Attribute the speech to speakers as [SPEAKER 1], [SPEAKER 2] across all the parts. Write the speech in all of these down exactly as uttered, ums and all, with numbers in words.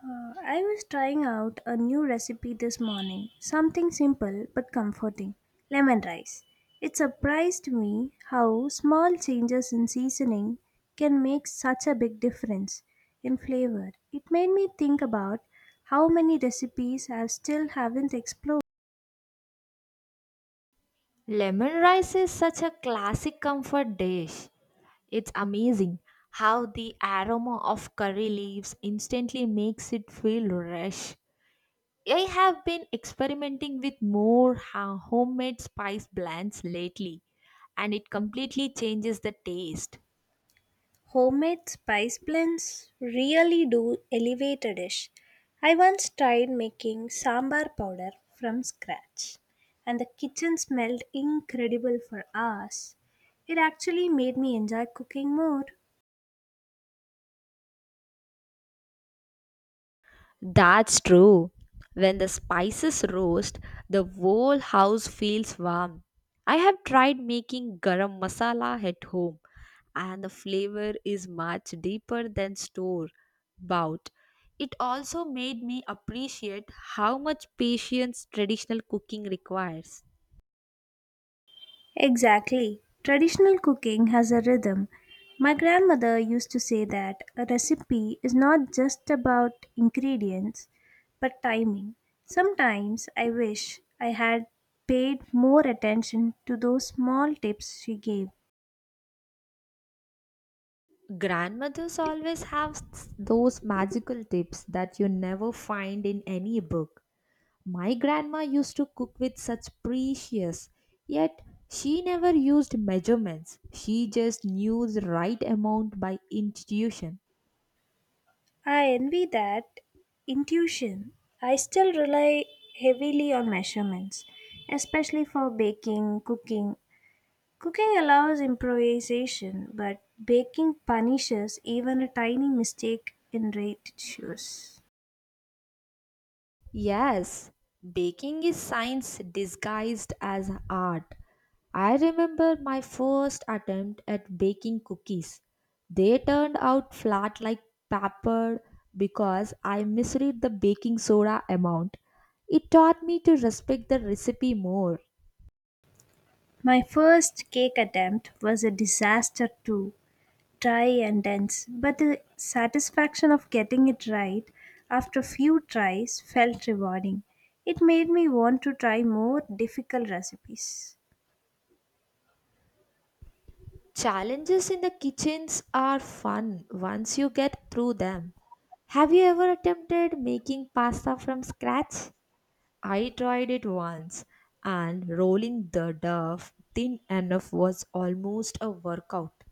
[SPEAKER 1] Uh, I was trying out a new recipe this morning, something simple but comforting, lemon rice. It surprised me how small changes in seasoning can make such a big difference in flavor. It made me think about how many recipes I still haven't explored.
[SPEAKER 2] Lemon rice is such a classic comfort dish. It's amazing how the aroma of curry leaves instantly makes it feel fresh. I have been experimenting with more ha- homemade spice blends lately, and it completely changes the taste.
[SPEAKER 1] Homemade spice blends really do elevate a dish. I once tried making sambar powder from scratch, and the kitchen smelled incredible for hours. It actually made me enjoy cooking more.
[SPEAKER 2] That's true. When the spices roast, the whole house feels warm. I have tried making garam masala at home, and the flavor is much deeper than store bought. It also made me appreciate how much patience traditional cooking requires.
[SPEAKER 1] Exactly. Traditional cooking has a rhythm. My grandmother used to say that a recipe is not just about ingredients but timing. Sometimes I wish I had paid more attention to those small tips she gave.
[SPEAKER 2] Grandmothers always have s- those magical tips that you never find in any book. My grandma used to cook with such precious, yet she never used measurements. She just knew the right amount by intuition.
[SPEAKER 1] I envy that intuition. I still rely heavily on measurements, especially for baking, cooking. Cooking allows improvisation, but baking punishes even a tiny mistake in ratios.
[SPEAKER 2] Yes, baking is science disguised as art. I remember my first attempt at baking cookies. They turned out flat like paper because I misread the baking soda amount. It taught me to respect the recipe more.
[SPEAKER 1] My first cake attempt was a disaster too, dry and dense, but the satisfaction of getting it right after a few tries felt rewarding. It made me want to try more difficult recipes.
[SPEAKER 2] Challenges in the kitchens are fun once you get through them. Have you ever attempted making pasta from scratch? I tried it once, and rolling the dough thin enough was almost a workout.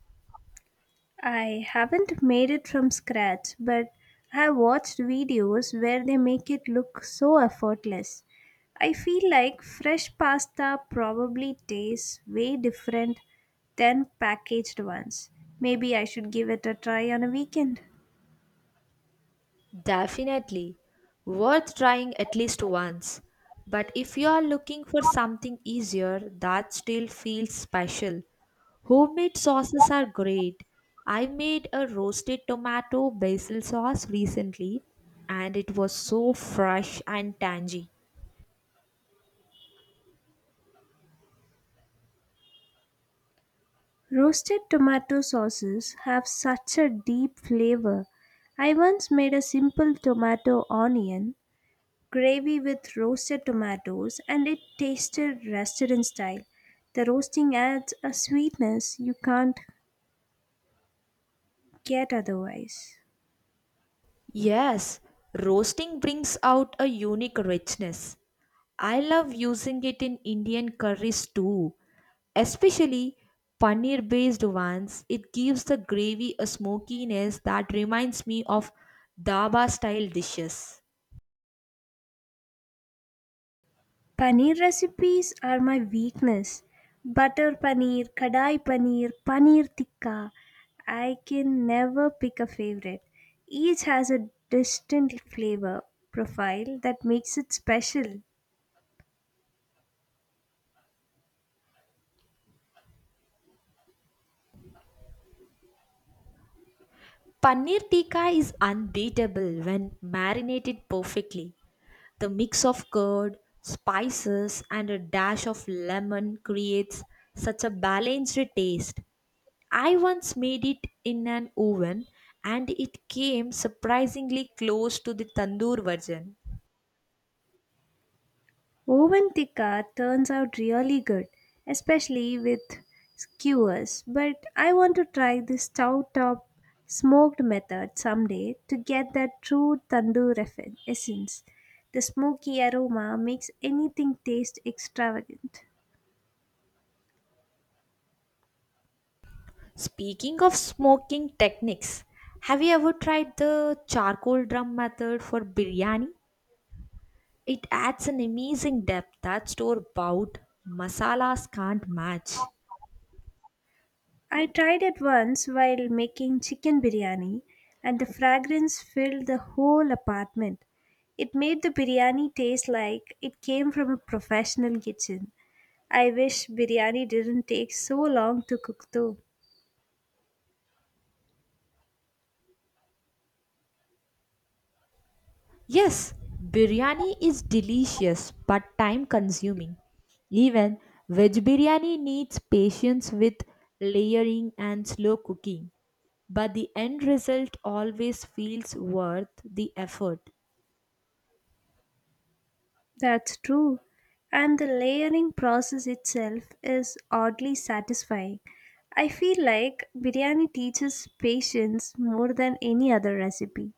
[SPEAKER 1] I haven't made it from scratch, but I have watched videos where they make it look so effortless. I feel like fresh pasta probably tastes way different than packaged ones. Maybe I should give it a try on a weekend.
[SPEAKER 2] Definitely worth trying at least once. But if you are looking for something easier that still feels special, homemade sauces are great. I made a roasted tomato basil sauce recently and it was so fresh and tangy.
[SPEAKER 1] Roasted tomato sauces have such a deep flavor. I once made a simple tomato onion gravy with roasted tomatoes, and it tasted restaurant style. The roasting adds a sweetness you can't get otherwise.
[SPEAKER 2] Yes, roasting brings out a unique richness. I love using it in Indian curries too, especially paneer based ones. It gives the gravy a smokiness that reminds me of dhaba style dishes.
[SPEAKER 1] Paneer recipes are my weakness. Butter paneer, kadai paneer, paneer tikka. I can never pick a favorite. Each has a distinct flavor profile that makes it special.
[SPEAKER 2] Paneer tikka is unbeatable when marinated perfectly. The mix of curd, spices, and a dash of lemon creates such a balanced taste. I once made it in an oven and it came surprisingly close to the tandoor version.
[SPEAKER 1] Woven tikka turns out really good, especially with skewers, but I want to try the stove top smoked method someday to get that true tandoor eff- essence. The smoky aroma makes anything taste extravagant.
[SPEAKER 2] Speaking of smoking techniques, have you ever tried the charcoal drum method for biryani? It adds an amazing depth that store bought masalas can't match.
[SPEAKER 1] I tried it once while making chicken biryani, and the fragrance filled the whole apartment. It made the biryani taste like it came from a professional kitchen. I wish biryani didn't take so long to cook though.
[SPEAKER 2] Yes, biryani is delicious but time consuming. Even veg biryani needs patience with layering and slow cooking, but the end result always feels worth the effort.
[SPEAKER 1] That's true. And the layering process itself is oddly satisfying. I feel like biryani teaches patience more than any other recipe.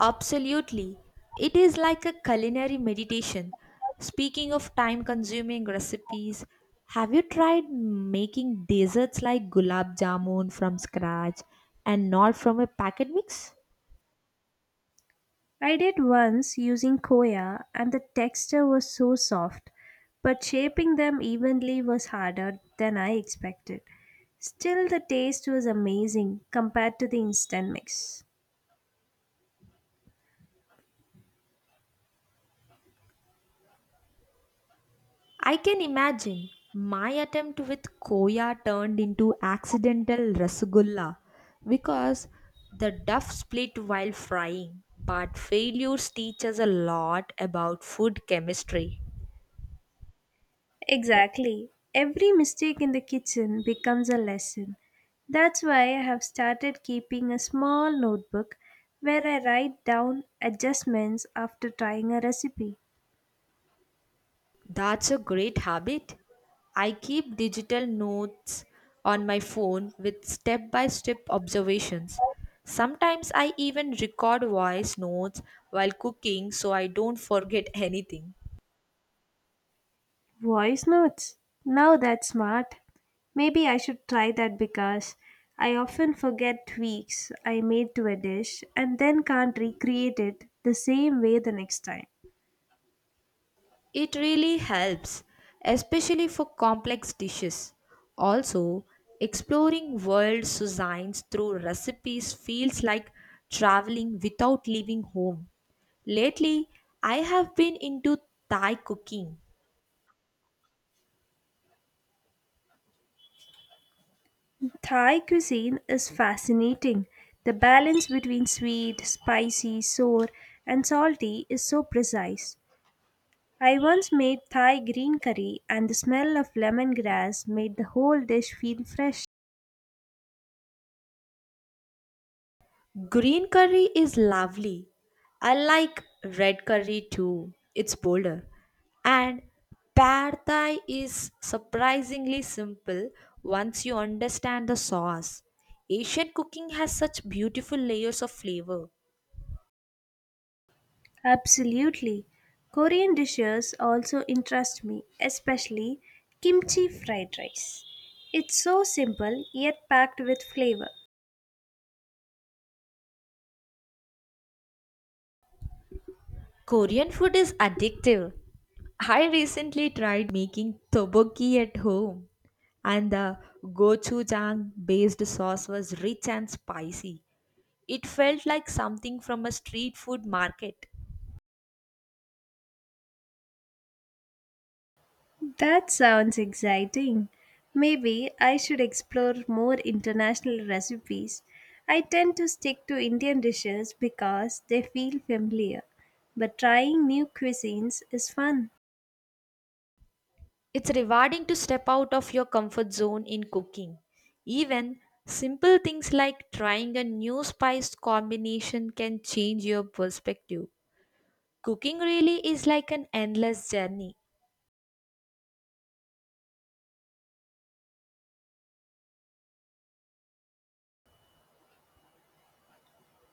[SPEAKER 2] Absolutely. It is like a culinary meditation. Speaking of time consuming recipes, have you tried making desserts like gulab jamun from scratch and not from a packet mix?
[SPEAKER 1] I did once using koya, and the texture was so soft, but shaping them evenly was harder than I expected. Still, the taste was amazing compared to the instant mix.
[SPEAKER 2] I can imagine. My attempt with koya turned into accidental rasgulla because the duff split while frying. But failures teach us a lot about food chemistry.
[SPEAKER 1] Exactly. Every mistake in the kitchen becomes a lesson. That's why I have started keeping a small notebook where I write down adjustments after trying a recipe.
[SPEAKER 2] That's a great habit. I keep digital notes on my phone with step by step observations. Sometimes I even record voice notes while cooking so I don't forget anything.
[SPEAKER 1] Voice notes. Now that's smart. Maybe I should try that because I often forget tweaks I made to a dish and then can't recreate it the same way the next time.
[SPEAKER 2] It really helps, especially for complex dishes. Also, exploring worlds to science through recipes feels like traveling without leaving home. Lately, I have been into Thai cooking.
[SPEAKER 1] Thai cuisine is fascinating. The balance between sweet, spicy, sour, and salty is so precise. I once made Thai green curry, and the smell of lemongrass made the whole dish feel fresh.
[SPEAKER 2] Green curry is lovely. I like red curry too. It's bolder. And pad thai is surprisingly simple once you understand the sauce. Asian cooking has such beautiful layers of flavor.
[SPEAKER 1] Absolutely. Korean dishes also interest me, especially kimchi fried rice. It's so simple yet packed with flavor.
[SPEAKER 2] Korean food is addictive. I recently tried making tteokbokki at home, and the gochujang based sauce was rich and spicy. It felt like something from a street food market.
[SPEAKER 1] That sounds exciting. Maybe I should explore more international recipes. I tend to stick to Indian dishes because they feel familiar, but trying new cuisines is fun.
[SPEAKER 2] It's rewarding to step out of your comfort zone in cooking. Even simple things like trying a new spice combination can change your perspective. Cooking really is like an endless journey.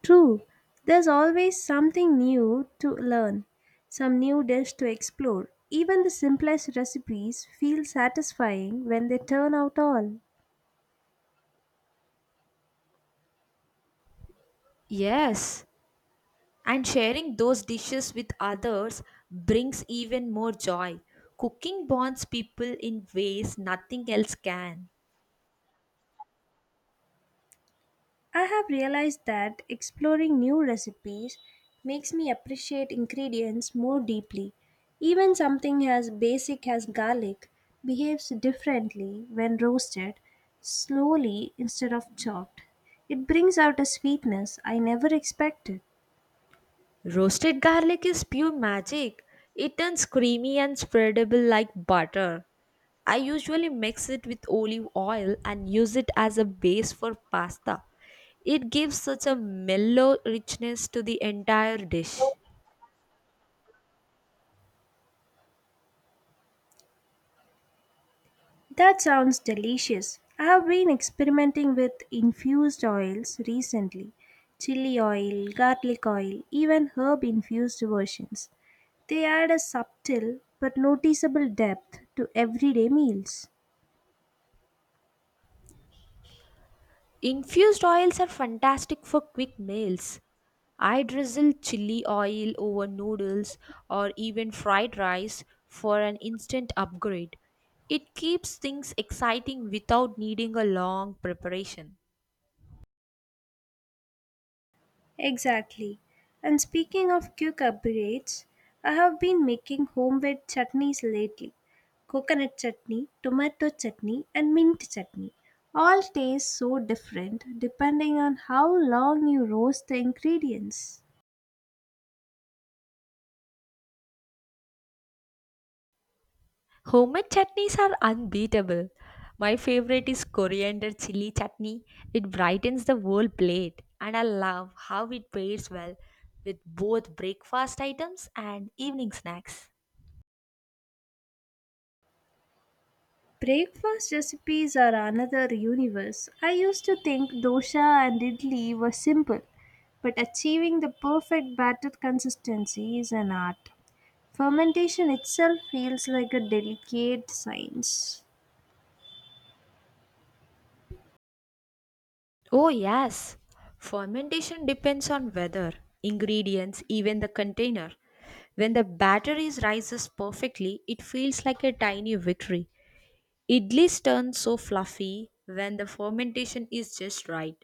[SPEAKER 1] True, there's always something new to learn, some new dish to explore. Even the simplest recipes feel satisfying when they turn out all.
[SPEAKER 2] Yes, and sharing those dishes with others brings even more joy. Cooking bonds people in ways nothing else can.
[SPEAKER 1] I have realized that exploring new recipes makes me appreciate ingredients more deeply. Even something as basic as garlic behaves differently when roasted slowly instead of chopped. It brings out a sweetness I never expected.
[SPEAKER 2] Roasted garlic is pure magic. It turns creamy and spreadable like butter. I usually mix it with olive oil and use it as a base for pasta. It gives such a mellow richness to the entire dish.
[SPEAKER 1] That sounds delicious. I have been experimenting with infused oils recently, chili oil, garlic oil, even herb infused versions. They add a subtle but noticeable depth to everyday meals.
[SPEAKER 2] Infused oils are fantastic for quick meals. I drizzle chili oil over noodles or even fried rice for an instant upgrade. It keeps things exciting without needing a long preparation.
[SPEAKER 1] Exactly. And speaking of quick upgrades, I have been making homemade chutneys lately. Coconut chutney, tomato chutney, and mint chutney. All taste so different depending on how long you roast the ingredients.
[SPEAKER 2] Homemade chutneys are unbeatable. My favorite is coriander chili chutney. It brightens the whole plate, and I love how it pairs well with both breakfast items and evening snacks.
[SPEAKER 1] Breakfast recipes are another universe. I used to think dosha and idli were simple, but achieving the perfect batter consistency is an art. Fermentation itself feels like a delicate science.
[SPEAKER 2] Oh, yes. Fermentation depends on weather, ingredients, even the container. When the batter is rises perfectly, it feels like a tiny victory. Idlis turn so fluffy when the fermentation is just right.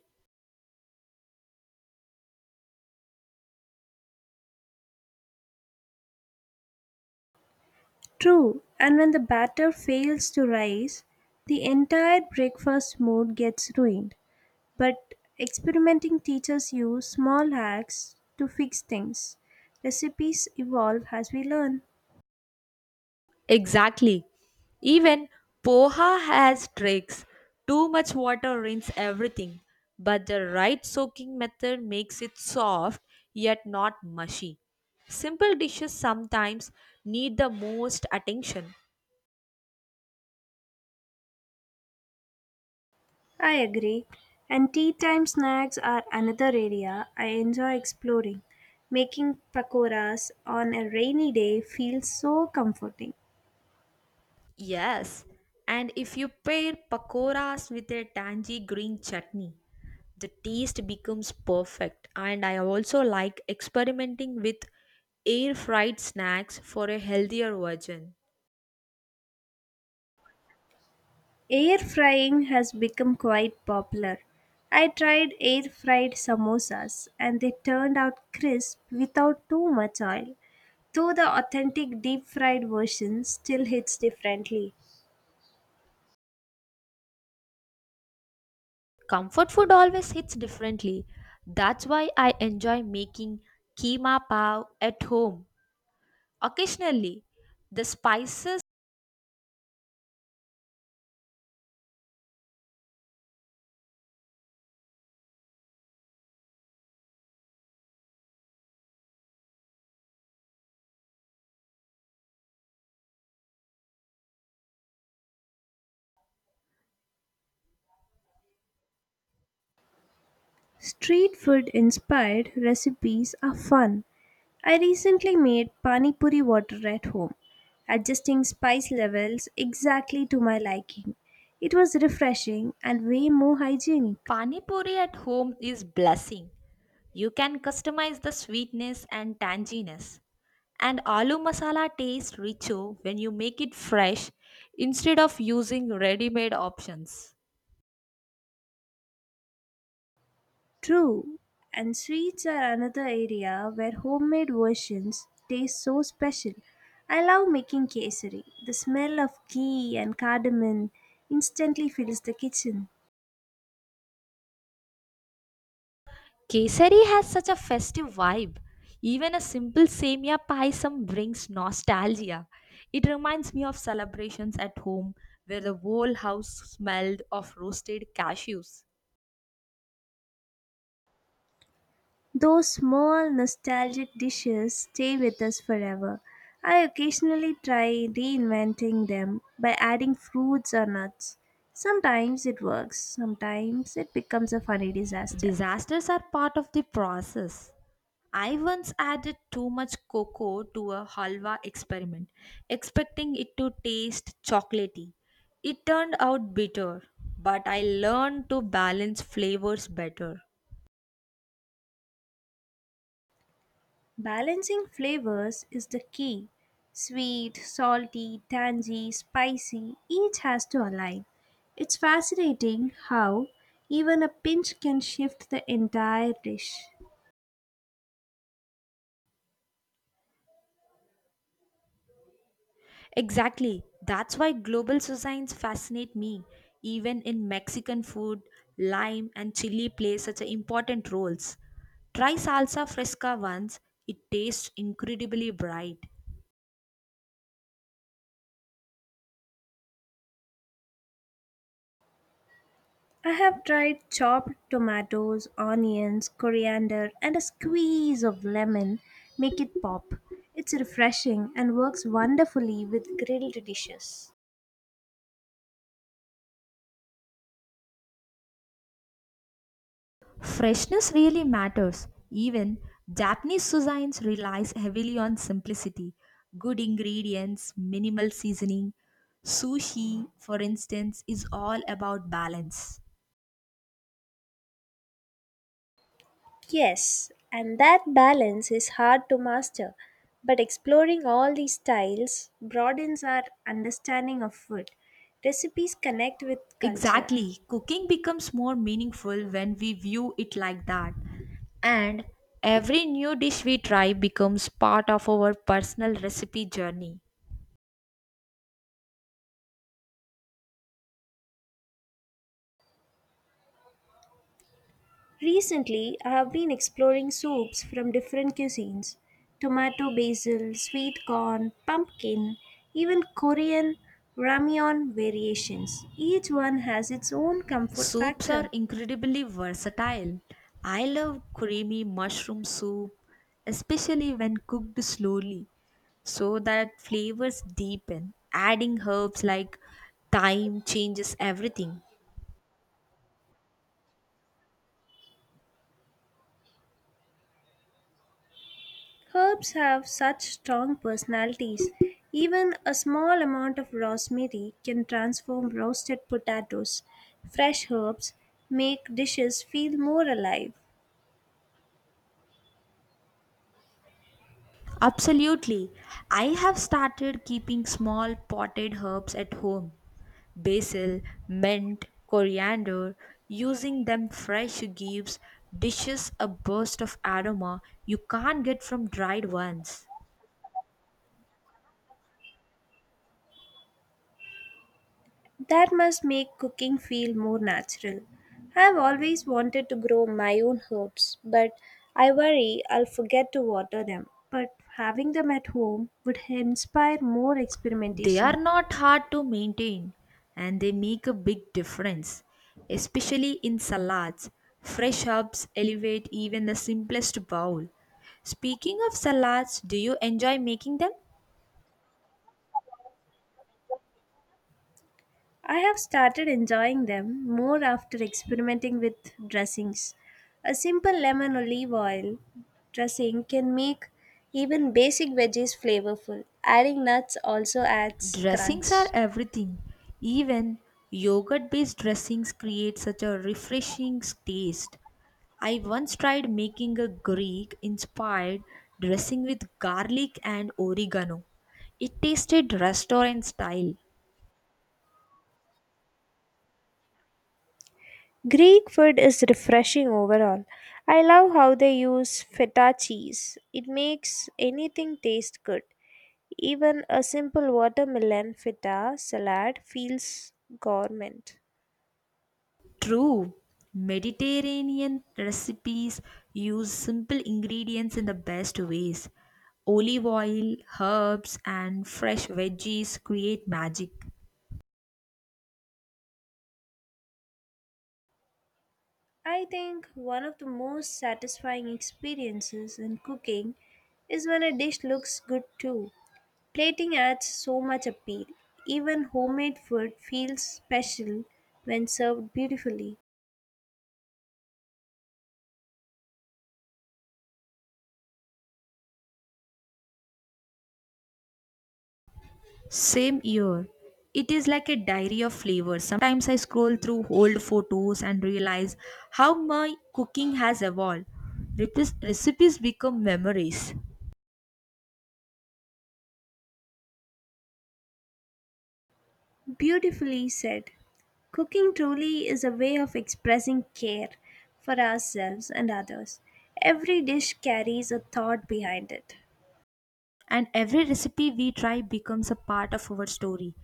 [SPEAKER 1] True, and when the batter fails to rise, the entire breakfast mood gets ruined. But experimenting teaches you small hacks to fix things. Recipes evolve as we learn.
[SPEAKER 2] Exactly. Even poha has tricks. Too much water rinses everything, but the right soaking method makes it soft yet not mushy. Simple dishes sometimes need the most attention.
[SPEAKER 1] I agree. And tea time snacks are another area I enjoy exploring. Making pakoras on a rainy day feels so comforting.
[SPEAKER 2] Yes, and if you pair pakoras with a tangy green chutney, the taste becomes perfect. And I also like experimenting with air fried snacks for a healthier version.
[SPEAKER 1] Air frying has become quite popular. I tried air fried samosas and they turned out crisp without too much oil, though the authentic deep fried version still hits differently.
[SPEAKER 2] Comfort food always hits differently. That's why I enjoy making keema pav at home occasionally. The spices
[SPEAKER 1] Street food inspired recipes are fun. I recently made pani puri water at home, adjusting spice levels exactly to my liking. It was refreshing and way more hygienic.
[SPEAKER 2] pani puri at home is blessing. You can customize the sweetness and tanginess. And aloo masala tastes richer when you make it fresh instead of using ready-made options.
[SPEAKER 1] True, and sweets are another area where homemade versions taste so special. I love making kesari. The smell of ghee and cardamom instantly fills the kitchen.
[SPEAKER 2] Kesari has such a festive vibe. Even a simple semia pie some brings nostalgia. It reminds me of celebrations at home where the whole house smelled of roasted cashews.
[SPEAKER 1] Those small nostalgic dishes stay with us forever. I occasionally try reinventing them by adding fruits or nuts. Sometimes it works, sometimes it becomes a funny disaster.
[SPEAKER 2] Disasters are part of the process. I once added too much cocoa to a halwa experiment, expecting it to taste chocolatey. It turned out bitter, but I learned to balance flavors better.
[SPEAKER 1] Balancing flavors is the key. Sweet, salty, tangy, spicy, each has to align. It's fascinating how even a pinch can shift the entire dish.
[SPEAKER 2] Exactly. That's why global cuisines fascinate me. Even in Mexican food, lime and chili play such a important roles. Try salsa fresca once, it tastes incredibly bright.
[SPEAKER 1] I have tried chopped tomatoes, onions, coriander, and a squeeze of lemon make it pop. It's refreshing and works wonderfully with grilled dishes.
[SPEAKER 2] Freshness really matters. Even Japanese cuisines relies heavily on simplicity, good ingredients, minimal seasoning. Sushi, for instance, is all about balance.
[SPEAKER 1] Yes, and that balance is hard to master, but exploring all these styles broadens our understanding of food. Recipes connect with culture.
[SPEAKER 2] Exactly. Cooking becomes more meaningful when we view it like that. And every new dish we try becomes part of our personal recipe journey.
[SPEAKER 1] Recently, I have been exploring soups from different cuisines, tomato basil, sweet corn, pumpkin, even Korean ramyeon variations. Each one has its own comfort
[SPEAKER 2] Soups
[SPEAKER 1] factor.
[SPEAKER 2] are incredibly versatile. I love creamy mushroom soup, especially when cooked slowly, so that flavors deepen. Adding herbs like thyme changes everything.
[SPEAKER 1] Herbs have such strong personalities. Even a small amount of rosemary can transform roasted potatoes. Fresh herbs make dishes feel more alive.
[SPEAKER 2] Absolutely. I have started keeping small potted herbs at home basil, mint, coriander. Using them fresh gives dishes a burst of aroma you can't get from dried ones.
[SPEAKER 1] That must make cooking feel more natural. I've always wanted to grow my own herbs, but I worry I'll forget to water them. But having them at home would inspire more
[SPEAKER 2] They are
[SPEAKER 1] experimentation.
[SPEAKER 2] not hard to maintain and they make a big difference, especially in salads. Fresh herbs elevate even the simplest bowl. Speaking of salads, do you enjoy making them?
[SPEAKER 1] I have started enjoying them more after experimenting with dressings. A simple lemon olive oil dressing can make even basic veggies flavorful. Adding nuts also adds
[SPEAKER 2] Dressings are
[SPEAKER 1] crunch.
[SPEAKER 2] everything. Even yogurt based dressings create such a refreshing taste. I once tried making a Greek inspired dressing with garlic and oregano. It tasted restaurant style.
[SPEAKER 1] Greek food is refreshing overall. I love how they use feta cheese. It makes anything taste good. Even a simple watermelon feta salad feels gourmet.
[SPEAKER 2] True, Mediterranean recipes use simple ingredients in the best ways. Olive oil, herbs, and fresh veggies create magic.
[SPEAKER 1] I think one of the most satisfying experiences in cooking is when a dish looks good too. Plating adds so much appeal. Even homemade food feels special when served beautifully.
[SPEAKER 2] Same year. It is like a diary of flavors. Sometimes I scroll through old photos and realize how my cooking has evolved. Repis- Recipes become memories,
[SPEAKER 1] Beautifully said. Cooking truly is a way of expressing care for ourselves and others. Every dish carries a thought behind it.
[SPEAKER 2] and every recipe we try becomes a part of our story.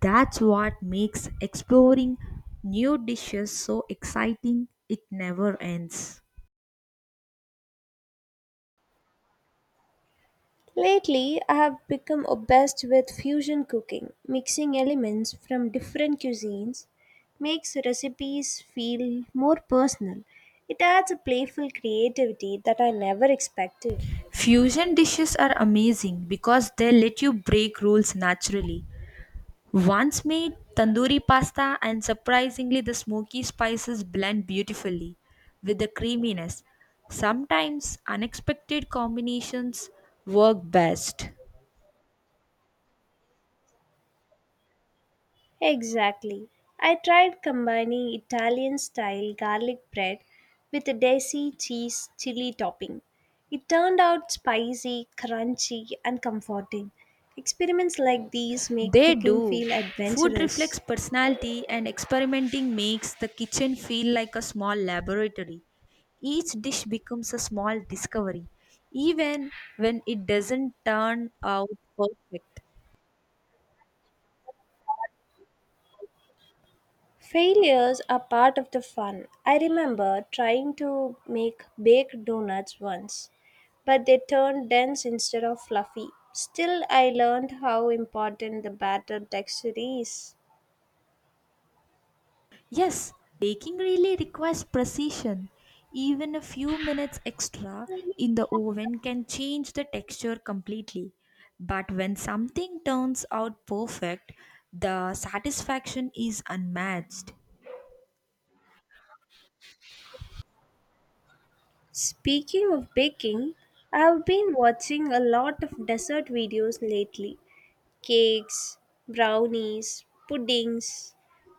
[SPEAKER 2] That's what makes exploring new dishes so exciting. It never ends.
[SPEAKER 1] Lately, I have become obsessed with fusion cooking. Mixing elements from different cuisines makes recipes feel more personal. It adds a playful creativity that I never expected.
[SPEAKER 2] Fusion dishes are amazing because they let you break rules naturally. Once made tandoori pasta and surprisingly the smoky spices blend beautifully with the creaminess. Sometimes unexpected combinations work best.
[SPEAKER 1] Exactly. I tried combining Italian style garlic bread with a desi cheese chili topping. It turned out spicy, crunchy, and comforting. Experiments like these make
[SPEAKER 2] They
[SPEAKER 1] cooking
[SPEAKER 2] do.
[SPEAKER 1] feel
[SPEAKER 2] Food
[SPEAKER 1] adventurous.
[SPEAKER 2] reflects personality and experimenting makes the kitchen feel like a small laboratory. Each dish becomes a small discovery even when it doesn't turn out perfect.
[SPEAKER 1] Failures are part of the fun. I remember trying to make baked donuts once, but they turned dense instead of fluffy. Still, I learned how important the batter texture is.
[SPEAKER 2] Yes, baking really requires precision. Even a few minutes extra in the oven can change the texture completely. But when something turns out perfect, the satisfaction is unmatched.
[SPEAKER 1] Speaking of baking, I've been watching a lot of dessert videos lately, cakes, brownies, puddings.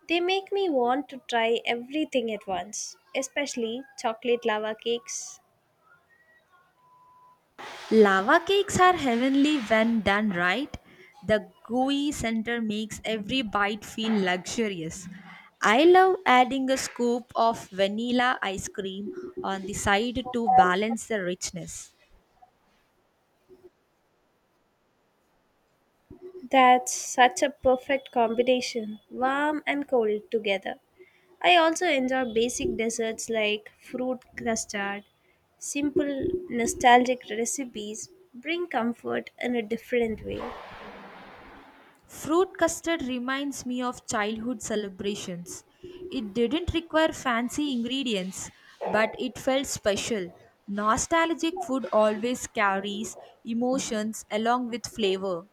[SPEAKER 1] They make me want to try everything at once, especially chocolate lava cakes.
[SPEAKER 2] Lava cakes are heavenly when done right. The gooey center makes every bite feel luxurious. I love adding a scoop of vanilla ice cream on the side to balance the richness.
[SPEAKER 1] That's such a perfect combination, warm and cold together. I also enjoy basic desserts like fruit custard. Simple, nostalgic recipes bring comfort in a different way.
[SPEAKER 2] Fruit custard reminds me of childhood celebrations. It didn't require fancy ingredients, but it felt special. Nostalgic food always carries emotions along with flavor.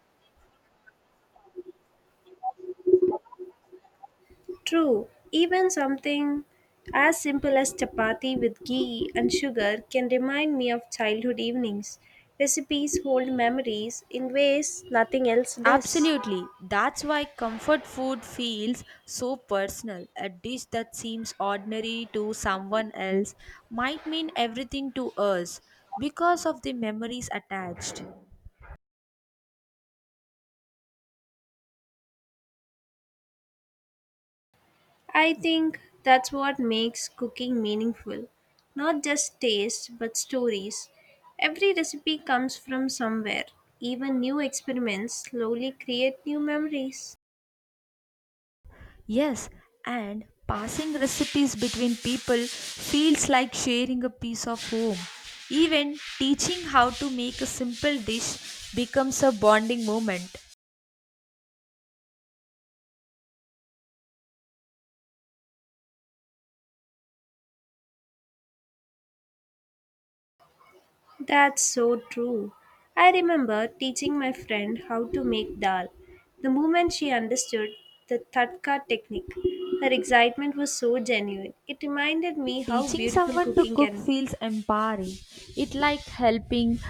[SPEAKER 1] True, even something as simple as chapati with ghee and sugar can remind me of childhood evenings. Recipes hold memories in ways nothing else does.
[SPEAKER 2] Absolutely. That's why comfort food feels so personal. A dish that seems ordinary to someone else might mean everything to us because of the memories attached.
[SPEAKER 1] I think that's what makes cooking meaningful. Not just taste, but stories. Every recipe comes from somewhere. Even new experiments slowly create new memories.
[SPEAKER 2] Yes, and passing recipes between people feels like sharing a piece of home. Even teaching how to make a simple dish becomes a bonding moment.
[SPEAKER 1] That's so true. I remember teaching my friend how to make dal. The moment she understood the tadka technique, her excitement was so genuine. It reminded me how
[SPEAKER 2] Teaching
[SPEAKER 1] beautiful
[SPEAKER 2] someone to
[SPEAKER 1] cooking
[SPEAKER 2] cook
[SPEAKER 1] can be.
[SPEAKER 2] feels empowering. It like helping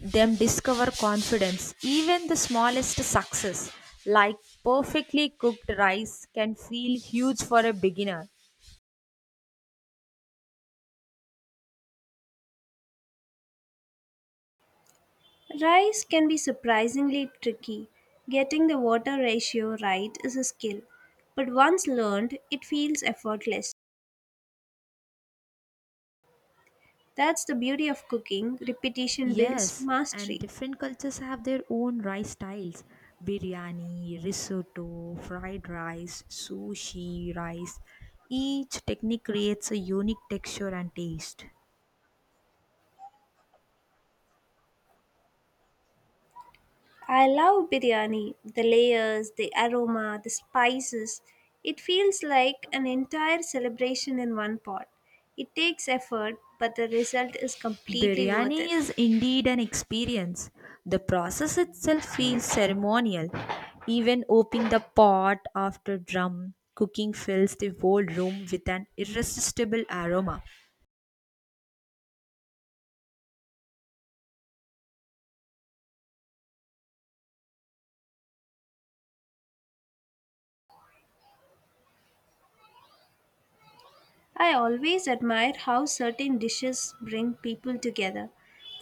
[SPEAKER 2] them discover confidence. Even the smallest success, like perfectly cooked rice, can feel huge for a beginner.
[SPEAKER 1] Rice can be surprisingly tricky. Getting the water ratio right is a skill, but once learned, it feels effortless. That's the beauty of cooking, repetition builds
[SPEAKER 2] Yes, and
[SPEAKER 1] mastery.
[SPEAKER 2] different cultures have their own rice styles biryani, risotto, fried rice, sushi, rice. Each technique creates a unique texture and taste.
[SPEAKER 1] I love biryani, the layers, the aroma, the spices. It feels like an entire celebration in one pot. It takes effort, but the result is completely worth
[SPEAKER 2] Biryani
[SPEAKER 1] it.
[SPEAKER 2] is indeed an experience. The process itself feels ceremonial. Even opening the pot after drum cooking fills the whole room with an irresistible aroma.
[SPEAKER 1] I always admire how certain dishes bring people together.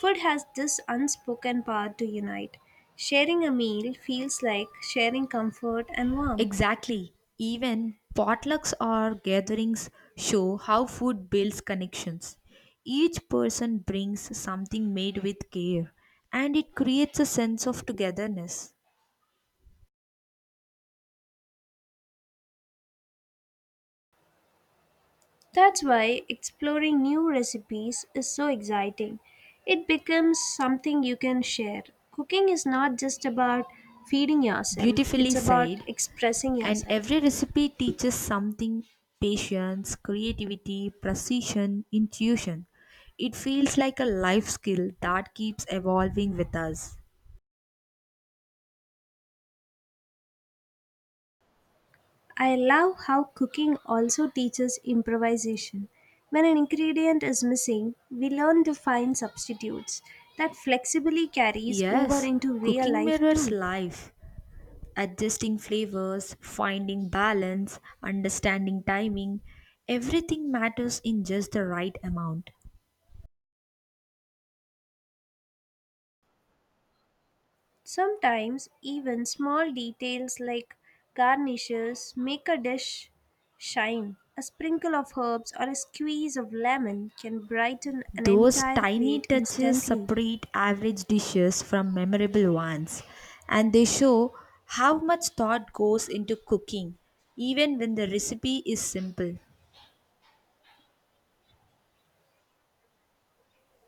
[SPEAKER 1] Food has this unspoken power to unite. Sharing a meal feels like sharing comfort and warmth.
[SPEAKER 2] Exactly. Even potlucks or gatherings show how food builds connections. Each person brings something made with care, and it creates a sense of togetherness.
[SPEAKER 1] That's why exploring new recipes is so exciting. It becomes something you can share. Cooking is not just about feeding yourself, it's
[SPEAKER 2] Beautifully
[SPEAKER 1] about
[SPEAKER 2] said,
[SPEAKER 1] expressing
[SPEAKER 2] and
[SPEAKER 1] yourself.
[SPEAKER 2] every recipe teaches something patience, creativity, precision, intuition. It feels like a life skill that keeps evolving with us.
[SPEAKER 1] I love how cooking also teaches improvisation. When an ingredient is missing, we learn to find substitutes that flexibly carries over
[SPEAKER 2] Yes,
[SPEAKER 1] into real
[SPEAKER 2] cooking
[SPEAKER 1] life
[SPEAKER 2] mirrors
[SPEAKER 1] too.
[SPEAKER 2] life. Adjusting flavors, finding balance, understanding timing, everything matters in just the right amount.
[SPEAKER 1] Sometimes even small details like garnishes make a dish shine. A sprinkle of herbs or a squeeze of lemon can brighten an
[SPEAKER 2] Those
[SPEAKER 1] entire
[SPEAKER 2] tiny
[SPEAKER 1] plate
[SPEAKER 2] touches
[SPEAKER 1] instantly.
[SPEAKER 2] separate average dishes from memorable ones, and they show how much thought goes into cooking, even when the recipe is simple.